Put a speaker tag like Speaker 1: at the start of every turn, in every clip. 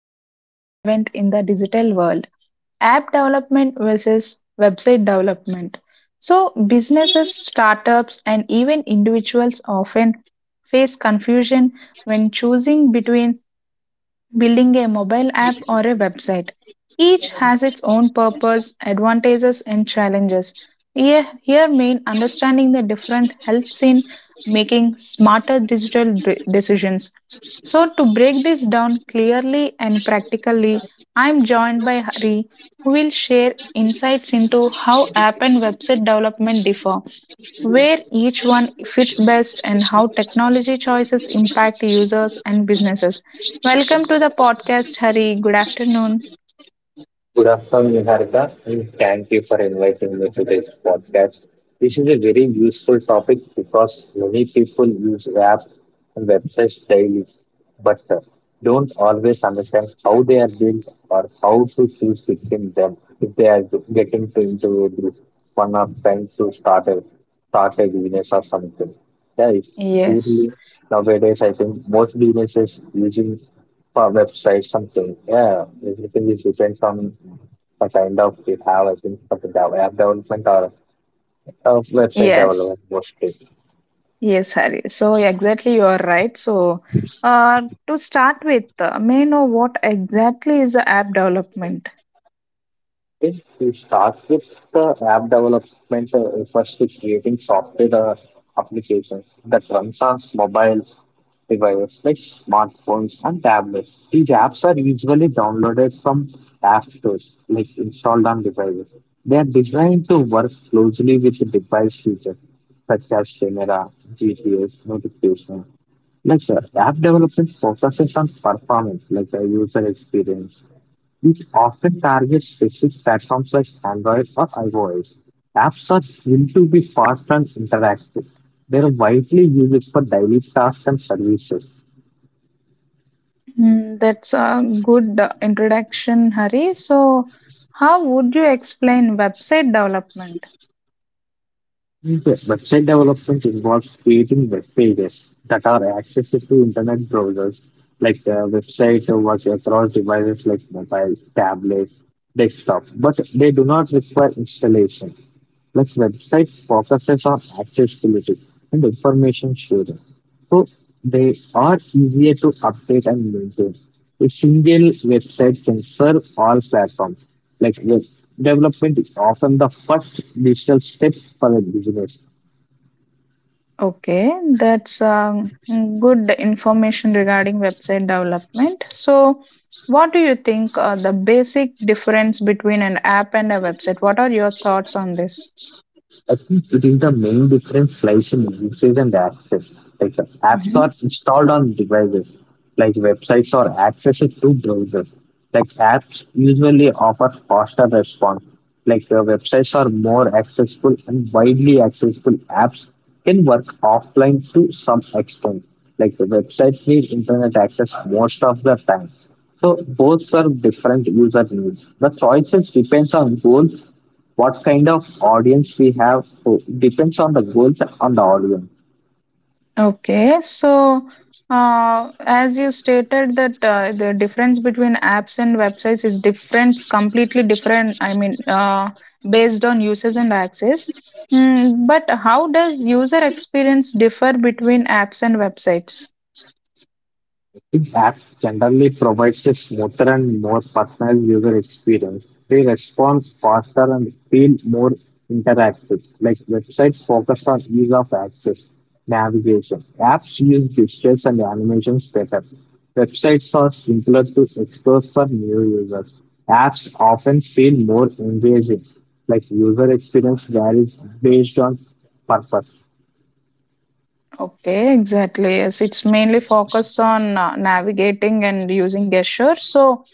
Speaker 1: extremely relevant in the digital world, app development versus website development. So, businesses, startups, and even individuals often face confusion when choosing between building a mobile app or a website. Each has its own purpose, advantages, and challenges. Here, main understanding the different helps in making smarter digital decisions. So, to break this down clearly and practically, I'm joined by Hari, who will share insights into how app and website development differ, where each one fits best, and how technology choices impact users and businesses. Welcome to the podcast, Hari. Good afternoon.
Speaker 2: Good afternoon, Niharika, and thank you for inviting me to this podcast. This is a very useful topic because many people use apps and websites daily, but don't always understand how they are built or how to choose between them if they are getting to into this one of trying to start a business or something. Yeah, it's
Speaker 1: Yes.
Speaker 2: poorly nowadays. I think most businesses using for website something. Yeah, everything is depends on the kind of we have. I think for the app development or website
Speaker 1: Yes,
Speaker 2: development mostly.
Speaker 1: yes, Hari. So, exactly, you are right. So, uh, to start with, may I know what exactly is the app development?
Speaker 2: It starts with the app development refers to creating software applications that runs on mobile devices like smartphones and tablets. These apps are usually downloaded from app stores, like installed on devices. They are designed to work closely with the device features such as camera, GPS, notifications. Like app development focuses on performance, like the user experience, it often targets specific platforms like Android or iOS. Apps are built to be fast and interactive. They are widely used for daily tasks and services.
Speaker 1: Hmm, that's a good introduction, Hari. So, how would you explain website development?
Speaker 2: The website development involves creating web pages that are accessible to internet browsers, like the website works across devices like mobile, tablet, desktop, but they do not require installation. Like website focuses on accessibility and information sharing. So they are easier to update and maintain. A single website can serve all platforms. Like web development is often the first digital step for a business.
Speaker 1: Okay, that's good information regarding website development. So, what do you think, the basic difference between an app and a website? What are your thoughts on this?
Speaker 2: I think it is the main difference lies in usage and access. Like apps are
Speaker 1: Mhm.
Speaker 2: installed on devices, like websites are accessed through browsers. Like apps usually offer faster response. Like websites are more accessible and widely accessible. Apps can work offline to some extent. Like the websites need internet access most of the time. So both serve different user needs. The choices depends on goals what kind of audience we have depends on the goals and the audience.
Speaker 1: Okay, so as you stated that, the difference between apps and websites is different, completely different. I mean, based on users and access. Mm, but how does user experience differ between apps and websites?
Speaker 2: The app generally provides a smoother and more personal user experience. They respond faster and feel more interactive, like websites focused on ease of access, navigation. Apps use gestures and animations better. Websites are simpler to explore for new users. Apps often feel more engaging, like user experience varies based on purpose.
Speaker 1: Okay, exactly. Yes, it's mainly focused on navigating and using gestures. So,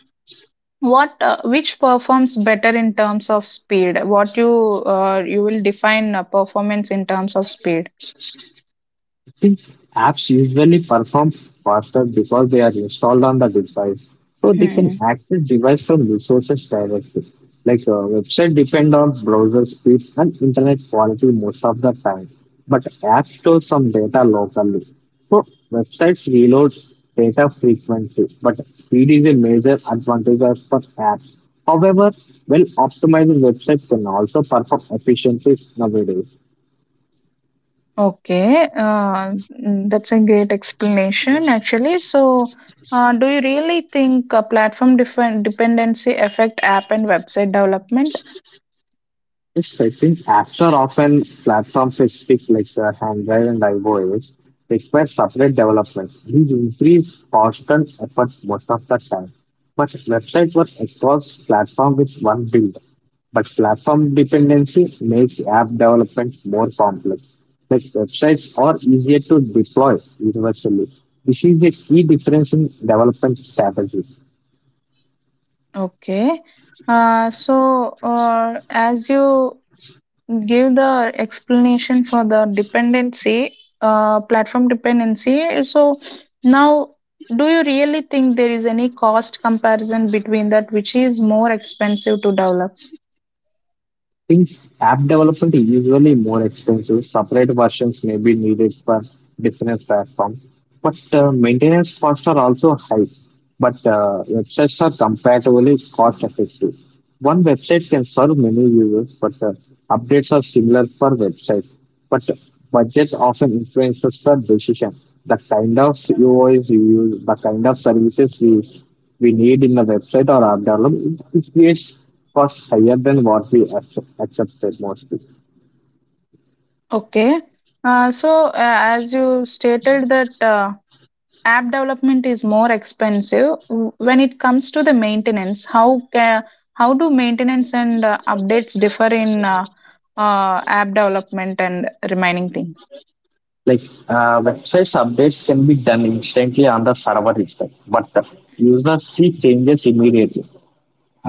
Speaker 1: what which performs better in terms of speed? What you you will define performance in terms of speed.
Speaker 2: Since apps usually perform faster because they are installed on the device, so they can
Speaker 1: Hmm.
Speaker 2: access device from resources directly. Like website depend on browser speed and internet quality most of the time, but app stores some data locally. So websites reload data frequently, but speed is a major advantage for apps. However, well optimized websites can also perform efficiencies nowadays.
Speaker 1: Okay, that's a great explanation actually. So, do you really think, platform different dependency affect app and website development?
Speaker 2: Yes, I think apps are often platform specific, like Android and iOS, require separate development. These increase cost and effort most of the time. But website work across platform with one build. But platform dependency makes app development more complex. Like websites are easier to deploy universally. This is a key difference in development strategy.
Speaker 1: Okay. So, as you give the explanation for the dependency, platform dependency, so now do you really think there is any cost comparison between that, which is more expensive to develop?
Speaker 2: Since app development is usually more expensive, separate versions may be needed for different platforms. But maintenance costs are also high, but websites are comparatively cost effective. One website can serve many users, but updates are similar for websites. But budgets often influences the decision. The kind of UIs you use, the kind of services we need in the website or app development, it creates cost higher than what we accepted mostly.
Speaker 1: Okay. So, as you stated that, app development is more expensive. When it comes to the maintenance, how do maintenance and updates differ in app development and remaining thing?
Speaker 2: Like websites updates can be done instantly on the server itself, but the users see changes immediately.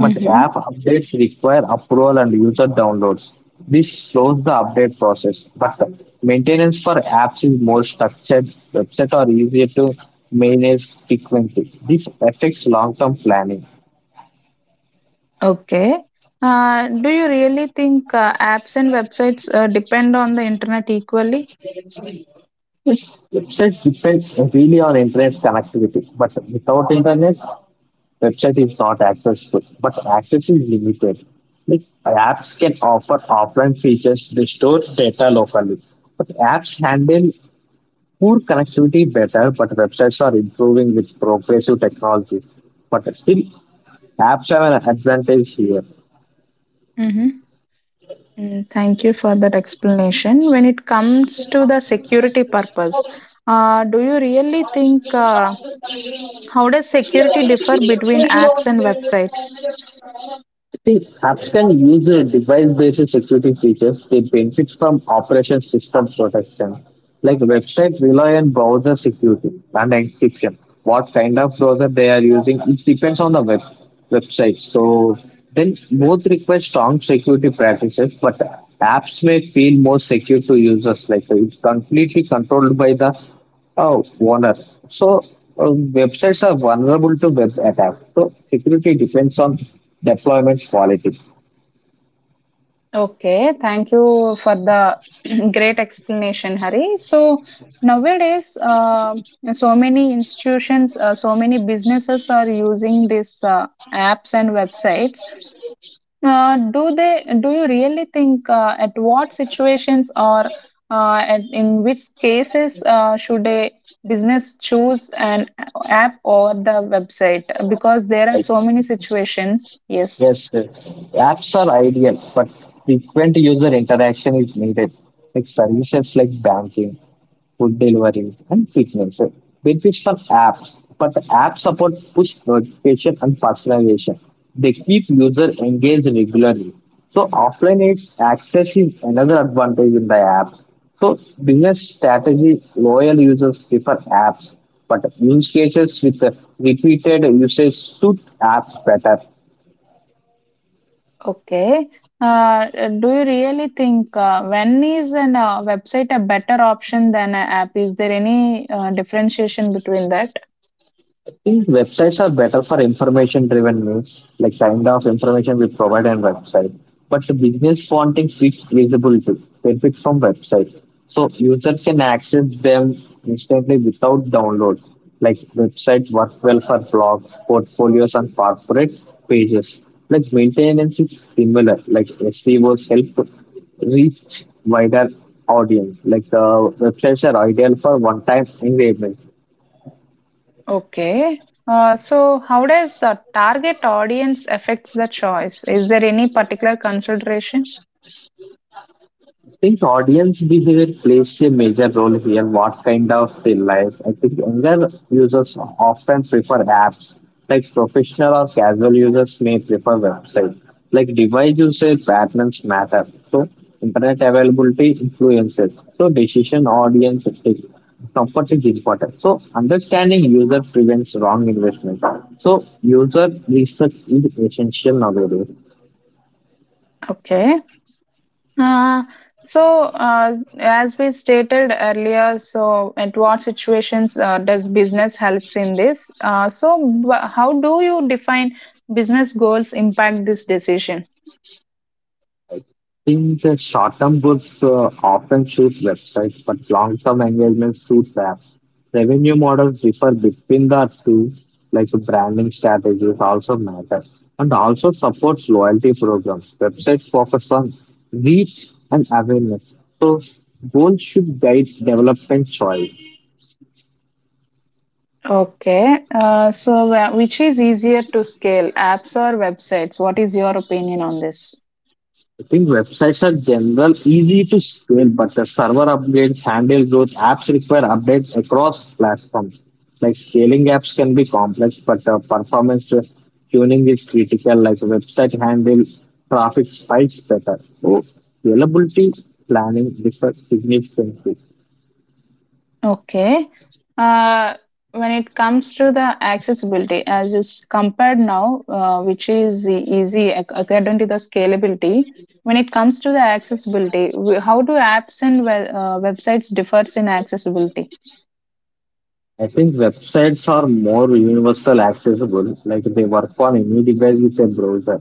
Speaker 2: But app updates require approval and user downloads. This slows the update process, but the maintenance for apps is more structured. Websites are easier to manage frequently. This affects long-term planning.
Speaker 1: Okay. Do you really think, apps and websites, depend on the internet equally?
Speaker 2: Yes, websites depend really on internet connectivity, but without internet, website is not accessible, but access is limited. Like apps can offer offline features to store data locally, but apps handle poor connectivity better. But websites are improving with progressive technology. But still, apps have an advantage here.
Speaker 1: Mm-hmm. Mm, thank you for that explanation. When it comes to the security purpose, do you really think, how does security differ between apps and websites?
Speaker 2: See, apps can use device-based security features. They benefit from operation system protection, like website rely on browser security and encryption. What kind of browser they are using, it depends on the web website. So then both require strong security practices, but apps may feel more secure to users. Like it's completely controlled by the Oh, Warner. So uh, websites are vulnerable to web attacks. So security depends on deployment quality.
Speaker 1: Okay, thank you for the great explanation, Hari. So nowadays, so many institutions, so many businesses are using these apps and websites. Do they? Do you really think, at what situations, or at, in which cases, should a business choose an app or the website? Because there are so
Speaker 2: Right.
Speaker 1: many situations. Yes.
Speaker 2: Yes, sir. Apps are ideal, but frequent user interaction is needed. Like services like banking, food delivery, and fitness. Benefits from apps, but the app support push notification and personalization. They keep user engaged regularly. So offline is access is another advantage in the app. So business strategy, loyal users prefer apps, but use cases with the repeated usage suit apps better.
Speaker 1: Okay. Uh, do you really think, when is an website a better option than an app? Is there any differentiation between that?
Speaker 2: Think websites are better for information-driven news, like kind of information we provide on website. But the business wanting quick visibility benefit from website, so user can access them instantly without download. Like website work well for blogs, portfolios, and corporate pages. Like maintenance is similar. Like SEOs help reach wider audience. Like the websites are ideal for one-time engagement
Speaker 1: Okay. So how does target audience affects the choice? Is there any particular consideration?
Speaker 2: think audience behavior plays a major role here. What kind of they like? I think younger users often prefer apps. Like professional or casual users may prefer websites. Like device usage patterns matter. So internet availability influences. So decision audience take. Comfort is important. So understanding user prevents wrong investment. So user research is essential nowadays.
Speaker 1: Okay. Uh, so, as we stated earlier, so at what situations does business helps in this? So how do you define business goals impact this decision?
Speaker 2: In the short-term books often suit websites, but long-term engagement suits apps. Revenue models differ between the two, like branding strategies also matter, and also supports loyalty programs. Websites focus on reach and awareness, so goals should guide development choice.
Speaker 1: Okay. So, which is easier to scale, apps or websites? What is your opinion on this?
Speaker 2: I think websites are general easy to scale, but the server upgrades, handle growth, apps require updates across platforms. Like scaling apps can be complex, but performance tuning is critical. Like website handle traffic spikes better. So scalability planning differs significantly.
Speaker 1: Okay. Uh, when it comes to the accessibility, as you compared now, which is the easy according to the scalability, when it comes to the accessibility, how do apps and websites differs in accessibility?
Speaker 2: I think websites are more universal accessible, like they work on any device with a browser.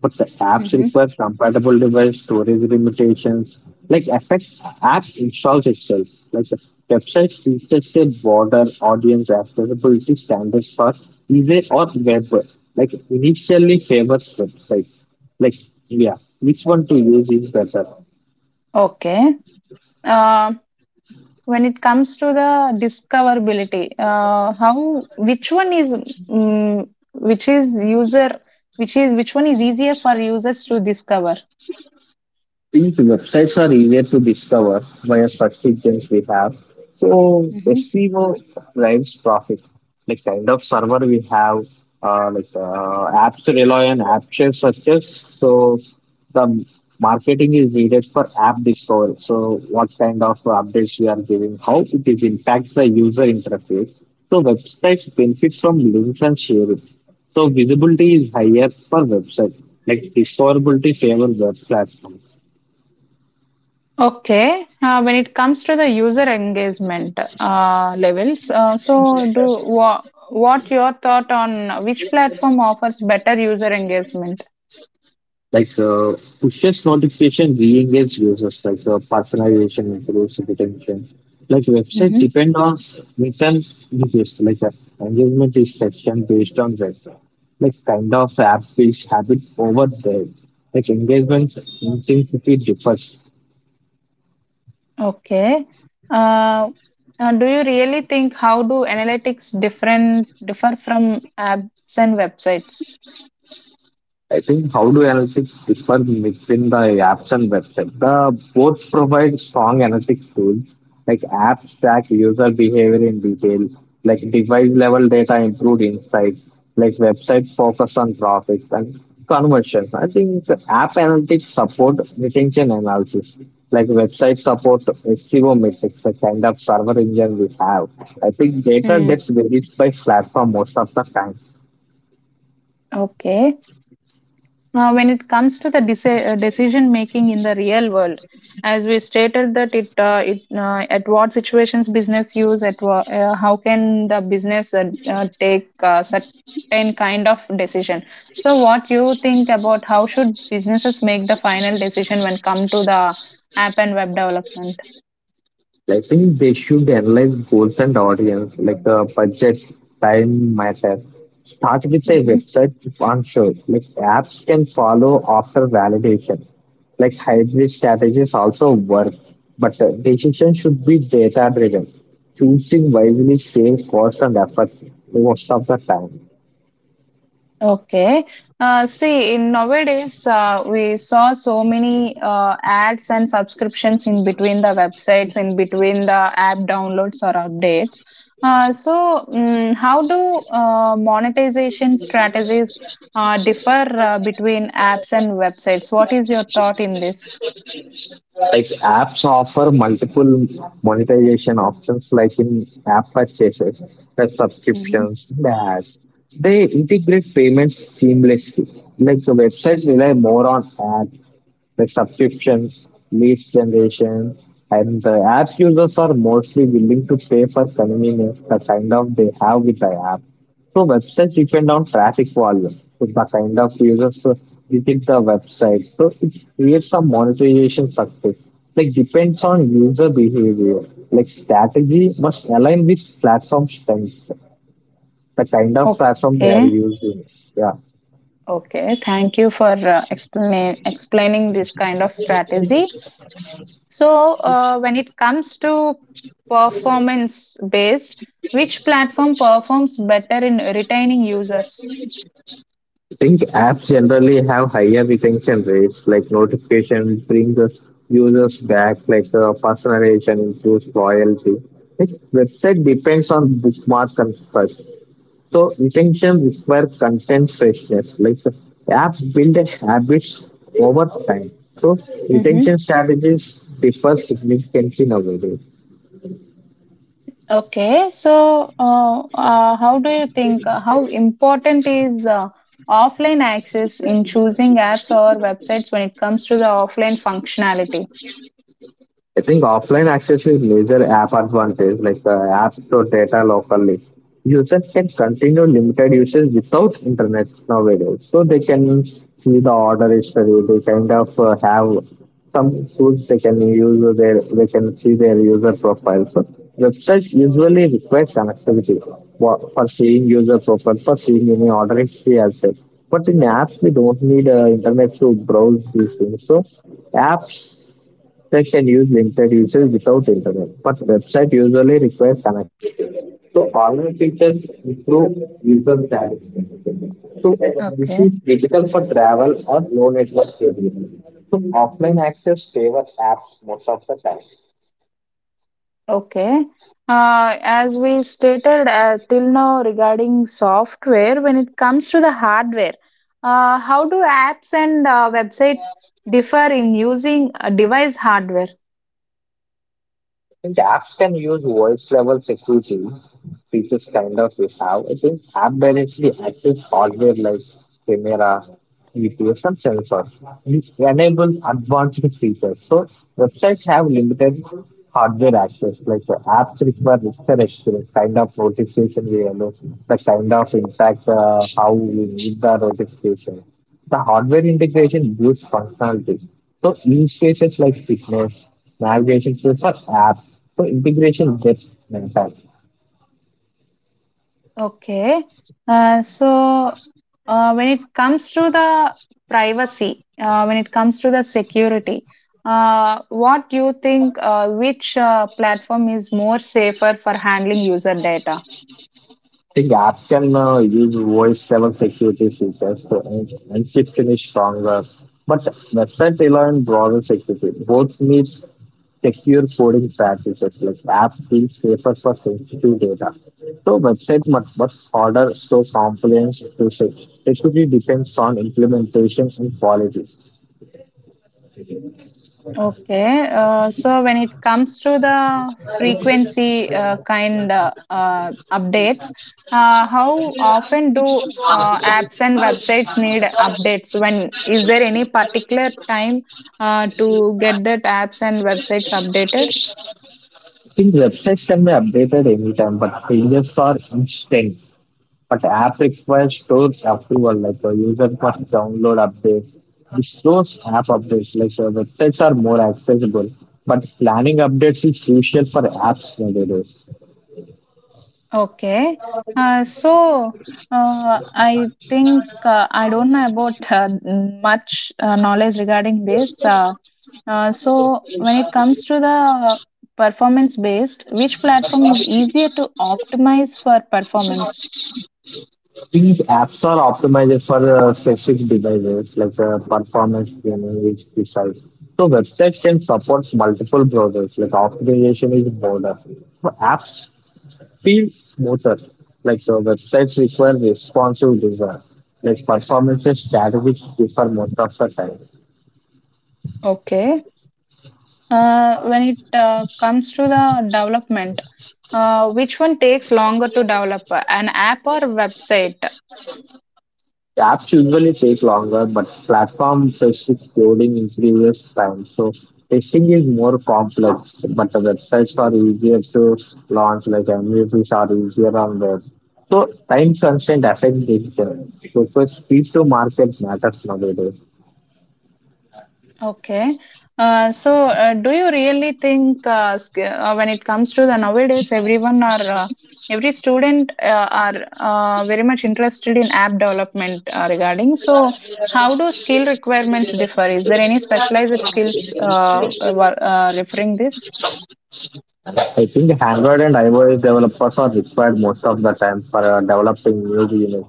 Speaker 2: But the apps
Speaker 1: Hmm.
Speaker 2: require compatible device storage limitations, like affect app installs itself. Like the website features a broader audience accessibility standards for easy or web. Like initially favors websites. Like yeah, which one to use is better.
Speaker 1: Okay. Um When it comes to the discoverability, how which one is, mm which is user, which is, which one is easier for users to discover?
Speaker 2: These websites are easier to discover via search we have. So
Speaker 1: Mhm.
Speaker 2: SEO drives profit. Like kind of server we have, apps rely on app shares such as. So the marketing is needed for app discovery. So what kind of updates we are giving, how it is impact the user interface. So websites benefit from links and sharing. So visibility is higher for website. Like discoverability favors web platforms.
Speaker 1: Okay, when it comes to the user engagement levels, so do, wha what your thought on which platform offers better user engagement?
Speaker 2: Like pushes notification re-engage users, like personalization improves retention. Like websites depend on mission users, like engagement is section based on that. Like kind of app based habit over there. Like engagement intensity differs.
Speaker 1: Okay. Uh, do you really think, how do analytics differ from apps and websites?
Speaker 2: I think how do analytics differ between the apps and website? The both provide strong analytics tools like apps track user behavior in detail, like device level data improved insights, like websites focus on traffic and conversions. I think the app analytics support retention analysis, like website support SEO metrics, the kind of server engine we have. I think data
Speaker 1: Hmm.
Speaker 2: gets released by platform most of the time.
Speaker 1: Okay. Now, when it comes to the decision making in the real world, as we stated that it, it, at what situations business use at how can the business take certain kind of decision. So, what you think about how should businesses make the final decision when come to the app and web development?
Speaker 2: I think they should analyze goals and audience, like budget, time matter. Start with a
Speaker 1: Mhm.
Speaker 2: website if unsure. Like apps can follow after validation. Like hybrid strategies also work, but decision should be data driven. Choosing wisely saves cost and effort most of the time.
Speaker 1: Okay. See, in nowadays, we saw so many ads and subscriptions in between the websites, in between the app downloads or updates. So, how do monetization strategies differ between apps and websites? What is your thought in this?
Speaker 2: Like apps offer multiple monetization options, like in app purchases, the
Speaker 1: Mhm.
Speaker 2: subscriptions, the ads. They integrate payments seamlessly. Like the websites rely more on ads, like subscriptions, leads generation, and the app users are mostly willing to pay for convenience, the kind of they have with the app. So websites depend on traffic volume. If the kind of users visit the website, so it creates some monetization success. Like depends on user behavior. Like strategy must align with platform strengths, the kind of platform they
Speaker 1: Okay.
Speaker 2: are using. Yeah.
Speaker 1: Okay. Thank you for explaining this kind of strategy. So, when it comes to performance based, which platform performs better in retaining users?
Speaker 2: I think apps generally have higher retention rates, like notification brings us users back, like personalization improves loyalty. Like website depends on bookmark construct. So intention requires constant like the apps build a habits over time. So retention
Speaker 1: Hmm.
Speaker 2: strategies differ significantly nowadays.
Speaker 1: Okay, so how do you think, how important is offline access in choosing apps or websites when it comes to the offline functionality?
Speaker 2: I think offline access is major app advantage, like the app store data locally. Users can continue limited usage without internet nowadays. So they can see the order history. They kind of have some tools they can use. Their, they can see their user profile. So websites usually require connectivity for seeing user profile, for seeing any order history as well. But in apps, we don't need internet to browse these things. So apps they can use limited usage without internet, but website usually require connection. So online features improve user satisfaction. So this is
Speaker 1: Okay.
Speaker 2: critical for travel or low network areas. So offline access favor apps most of the time.
Speaker 1: Okay. As we stated till now regarding software, when it comes to the hardware, how do apps and websites differ in using device hardware?
Speaker 2: I think apps can use voice level security features kind of we have. I think app directly access hardware like camera, GPS, and sensors, which enables advanced features. So websites have limited hardware access, like the apps require richer experience, kind of notification we allow, the kind of impact how we need the notification. The hardware integration boosts functionality. So use cases like fitness, navigation tools, or apps. So integration gets maintained. I
Speaker 1: Okay. So, when it comes to the privacy, when it comes to the security, what do you think, which platform is more safer for handling user data?
Speaker 2: think apps can use voice-level security features to en- encryption is stronger, but website rely on browser security. Both need secure coding practices like apps being safer for sensitive data. So website much harder so compliance to say. Security depends on implementation and quality.
Speaker 1: Okay, so when it comes to the frequency kind updates, how often do apps and websites need updates? When is there any particular time to get that apps and websites updated?
Speaker 2: I think websites can be updated anytime, but changes are instant. But app requires store approval, like a user must download update. The stores app updates, like websites are more accessible, but planning updates is crucial for apps nowadays.
Speaker 1: Okay. So, I think, I don't know about much knowledge regarding this. So when it comes to the performance based, which platform is easier to optimize for performance?
Speaker 2: These apps are optimized for specific devices, like performance tuning, HP size. So websites can support multiple browsers, like optimization is broader. So apps feels smoother. Like the websites require responsive design, like performances strategies differ most of the time.
Speaker 1: Okay. When it comes to the development, which one takes longer to develop, an app or website?
Speaker 2: Apps usually take longer, but platform specific loading increases time. So testing is more complex, but the websites are easier to launch, like MVPs are easier on web. So time constraint affects decision. So for speed to market matters nowadays.
Speaker 1: Okay. So, do you really think, when it comes to the nowadays, everyone are, every student are very much interested in app development regarding? So, how do skill requirements differ? Is there any specialized skills referring this?
Speaker 2: I think Android and iOS developers are required most of the time for developing new units.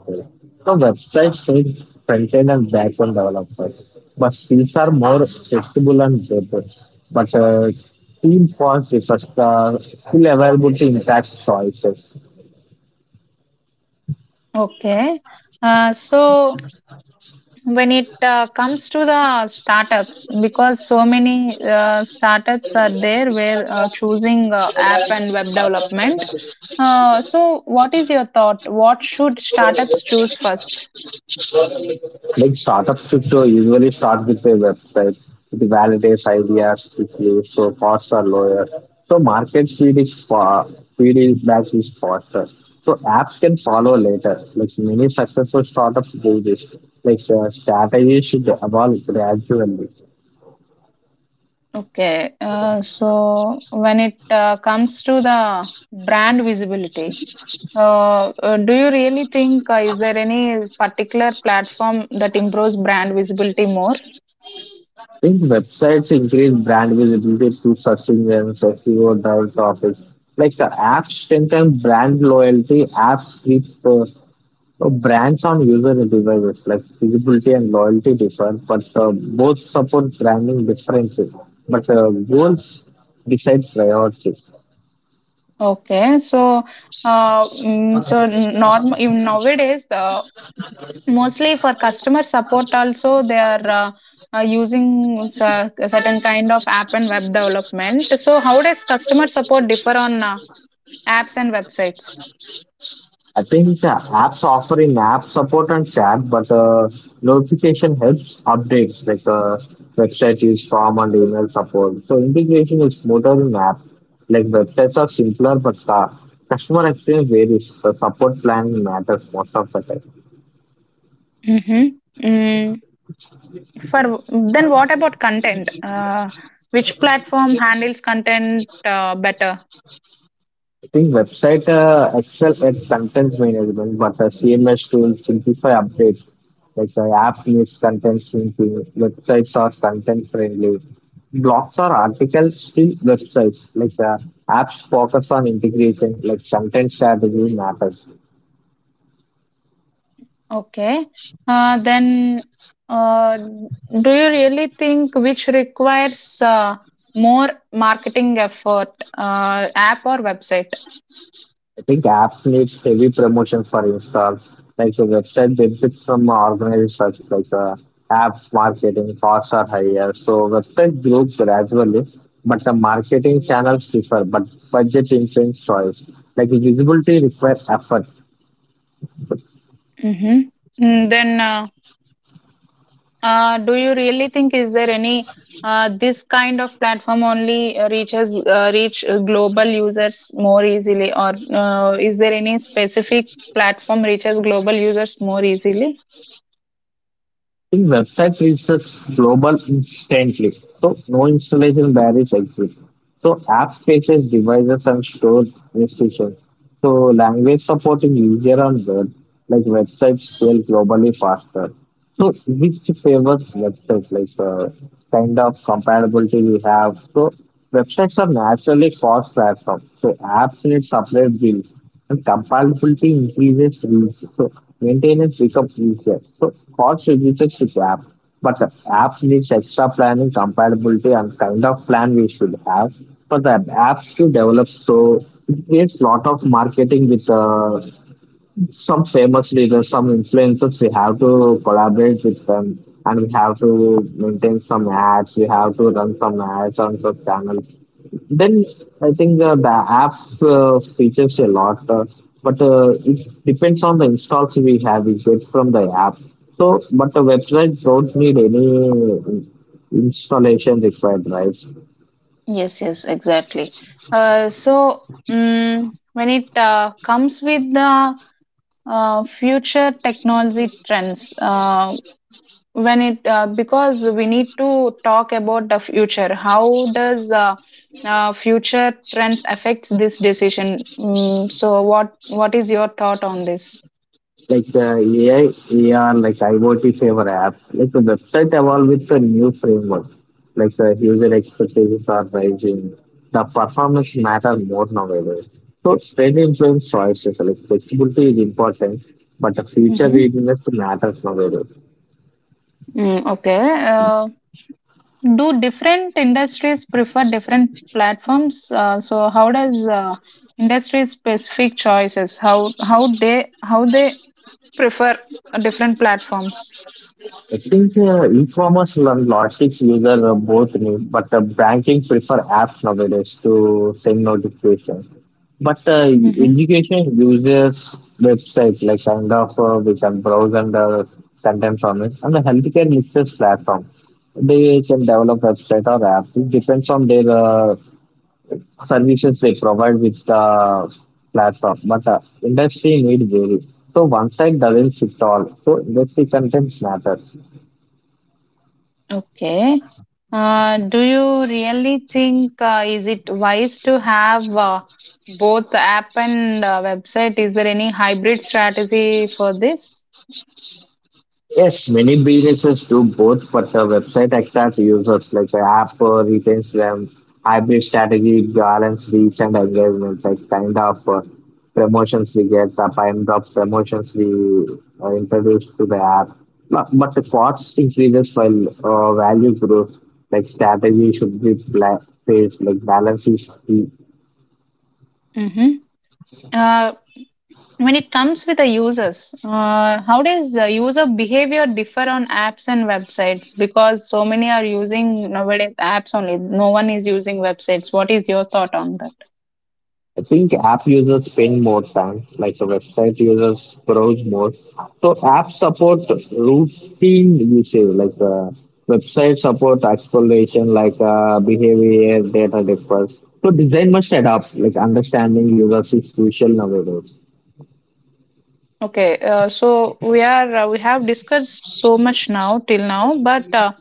Speaker 2: So websites need front-end and back-end developers, but skills are more flexible and better. But Team first refers the skill availability impacts choices.
Speaker 1: Okay. So. When it comes to the startups, because so many startups are there where choosing app and web development, so what is your thought, what should startups choose first?
Speaker 2: Like startup structure usually start with a website. It validates ideas quickly, so costs are lower. So market feed is far feedback is faster. So apps can follow later. Like many successful startups do this. Like strategy should evolve gradually.
Speaker 1: Okay. So when it comes to the brand visibility, do you really think, is there any particular platform that improves brand visibility more?
Speaker 2: I think websites increase brand visibility through search engines, SEO, direct topics. Like the apps strengthen brand loyalty, apps keep brands on user devices. Like visibility and loyalty differ, but both support branding differently. But goals decide priority.
Speaker 1: Okay, so so norm even nowadays, the mostly for customer support also, they are using certain kind of app and web development. So how does customer support differ on apps and websites?
Speaker 2: I think apps offering app support and chat, but notification helps updates like website use form and email support. So integration is smoother in app. Like websites are simpler, but the customer experience varies. The support plan matters most of the time.
Speaker 1: Mm-hmm. Mm, for then, what about content? Which platform handles content better?
Speaker 2: I think website excel at content management, but the CMS tools simplify updates. Like the app needs content syncing, websites are content friendly. Blogs or articles still websites. Like the apps focus on integration, like content strategy matters.
Speaker 1: Okay. Then, do you really think, which requires more marketing effort, app or website?
Speaker 2: I think apps needs heavy promotion for installs. Like the website benefits from organized search, like apps marketing costs are higher. So website grows gradually, but the marketing channels differ. But budget influence choice. Like visibility requires effort.
Speaker 1: Mm-hmm. Mm, then, do you really think, is there any this kind of platform only reach global users more easily, or is there any specific platform reaches global users more easily?
Speaker 2: Think website reaches global instantly. So no installation barriers exist. So app faces devices and store restrictions. So language supporting easier on web, like websites scale globally faster. So which favors websites, like kind of compatibility we have. So websites are naturally cost platform. So apps need separate bills and compatibility increases so maintenance becomes easier. So cost reduces with the app, but the app needs extra planning, compatibility, and kind of plan we should have for the apps to develop. So it there's lot of marketing with some famous leaders, some influencers. We have to collaborate with them, and we have to maintain some ads. We have to run some ads on the channels, then I think the app features a lot, but it depends on the installs we have. We get from the app. So, but the website don't need any installation required, right?
Speaker 1: Yes, yes, exactly. When it comes with the future technology trends, when it because we need to talk about the future. How does future trends affects this decision? Mm, so, what is your thought on this?
Speaker 2: Like AI, AR, like IoT favor apps, like the website evolve with the new framework, like the user expectations are rising, the performance matter more nowadays. So trend influence choices, like flexibility is important, but the future
Speaker 1: Mm-hmm.
Speaker 2: readiness matters nowadays.
Speaker 1: Mm, okay. Do different industries prefer different platforms? So how does industry specific choices, how they, prefer different platforms?
Speaker 2: I think e-commerce and logistics user are both new, but banking prefer apps nowadays to send notifications. But
Speaker 1: Hmm.
Speaker 2: education uses website like kind of we can browse and sometimes on it, and the healthcare uses platform. They can develop website or app. It depends on their services they provide with the platform. But industry need vary. So one side doesn't fit all. So industry content matters.
Speaker 1: Okay. Do you really think, is it wise to have both app and website? Is there any hybrid strategy for this?
Speaker 2: Yes, many businesses do both, but the website attracts users like the app retains them. Hybrid strategy balance reach and engagement, like kind of promotions we get, the kind of promotions we introduce to the app. But the cost increases while value grows. Like strategy should be phased, like balance is key.
Speaker 1: Hmm. When it comes with the users, how does user behavior differ on apps and websites? Because so many are using nowadays apps only. No one is using websites. What is your thought on that?
Speaker 2: I think app users spend more time, like the website users browse more. So apps support routine usage, like website support exploration, like behavior, data differs. So design must adapt, like understanding users is crucial nowadays.
Speaker 1: Okay, so we have discussed so much now till now, but uh,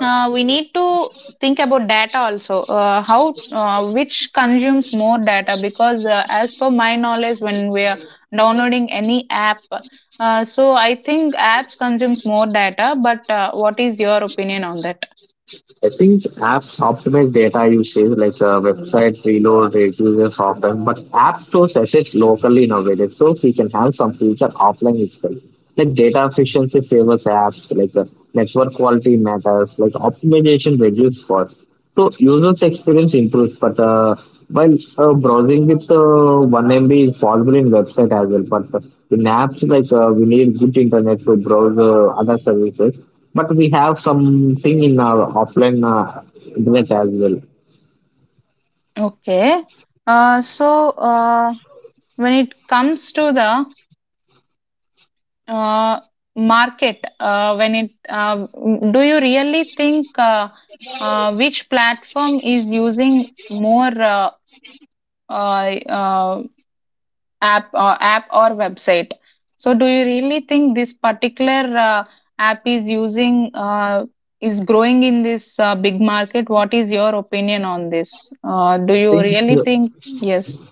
Speaker 1: Uh, we need to think about data also. How which consumes more data? Because as per my knowledge, when we are downloading any app, so I think apps consumes more data. But what is your opinion on that?
Speaker 2: I think apps optimize data usage, like websites reload reduces often, but app stores assets locally nowadays, so we can have some future offline itself. Like data efficiency favors apps, like network quality matters, like optimization reduces cost. So users' experience improves, but while browsing with 1 MB is possible in website as well. But in apps, like we need good internet to browse other services. But we have something in our offline internet as well.
Speaker 1: Okay. So, when it comes to the uh, market, when it do you really think, which platform is using more? Uh, uh, App or website, so do you really think this particular app is using, is growing in this big market, what is your opinion on this? Do
Speaker 2: I
Speaker 1: you
Speaker 2: think
Speaker 1: really
Speaker 2: uh,
Speaker 1: think? Yes.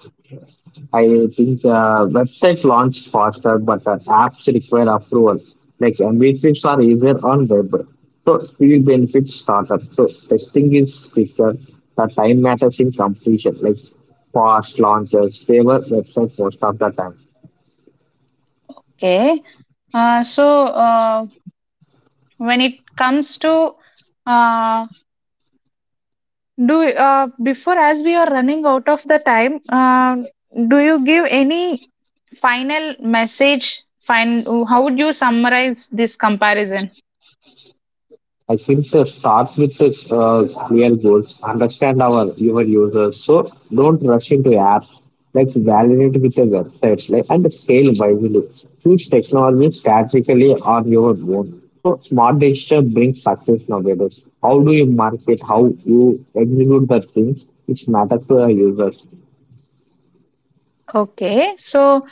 Speaker 2: I think website launch faster, but apps require approval. Like metrics are easier on web. So field benefits startup. So testing is quicker. The time matters in completion. Like fast launches favor website most of the time.
Speaker 1: Okay. So, when it comes to, uh, do before as we are running out of the time, do you give any final message? How would you summarize this comparison?
Speaker 2: I think so. Start with the clear goals. Understand our human users. So don't rush into apps. Like validate with the websites. Like and scale wisely. Choose technology strategically on your own. So smart decision brings success nowadays. How do you market? How you execute the things? It matters to the users.
Speaker 1: Okay, so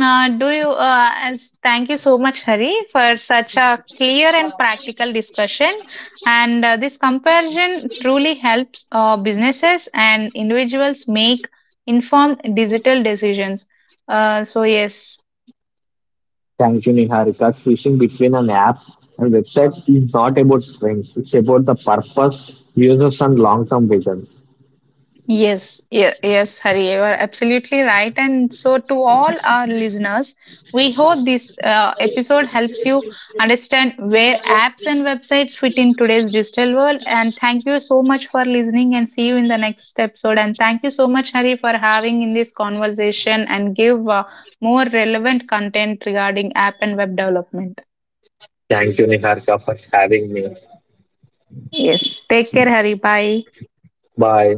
Speaker 1: do you as thank you so much, Hari, for such a clear and practical discussion. And this comparison truly helps businesses and individuals make informed digital decisions. Uh, so yes.
Speaker 2: Thank you, Niharika. Choosing between an app and website is not about strength. It's about the purpose, users, and long-term vision.
Speaker 1: Yes, Hari, you are absolutely right. And so, to all our listeners, we hope this episode helps you understand where apps and websites fit in today's digital world. And thank you so much for listening, and see you in the next episode. And thank you so much, Hari, for having in this conversation and give more relevant content regarding app and web development.
Speaker 2: Thank you, Niharika, for having me.
Speaker 1: Yes, take care, Hari. Bye.
Speaker 2: Bye.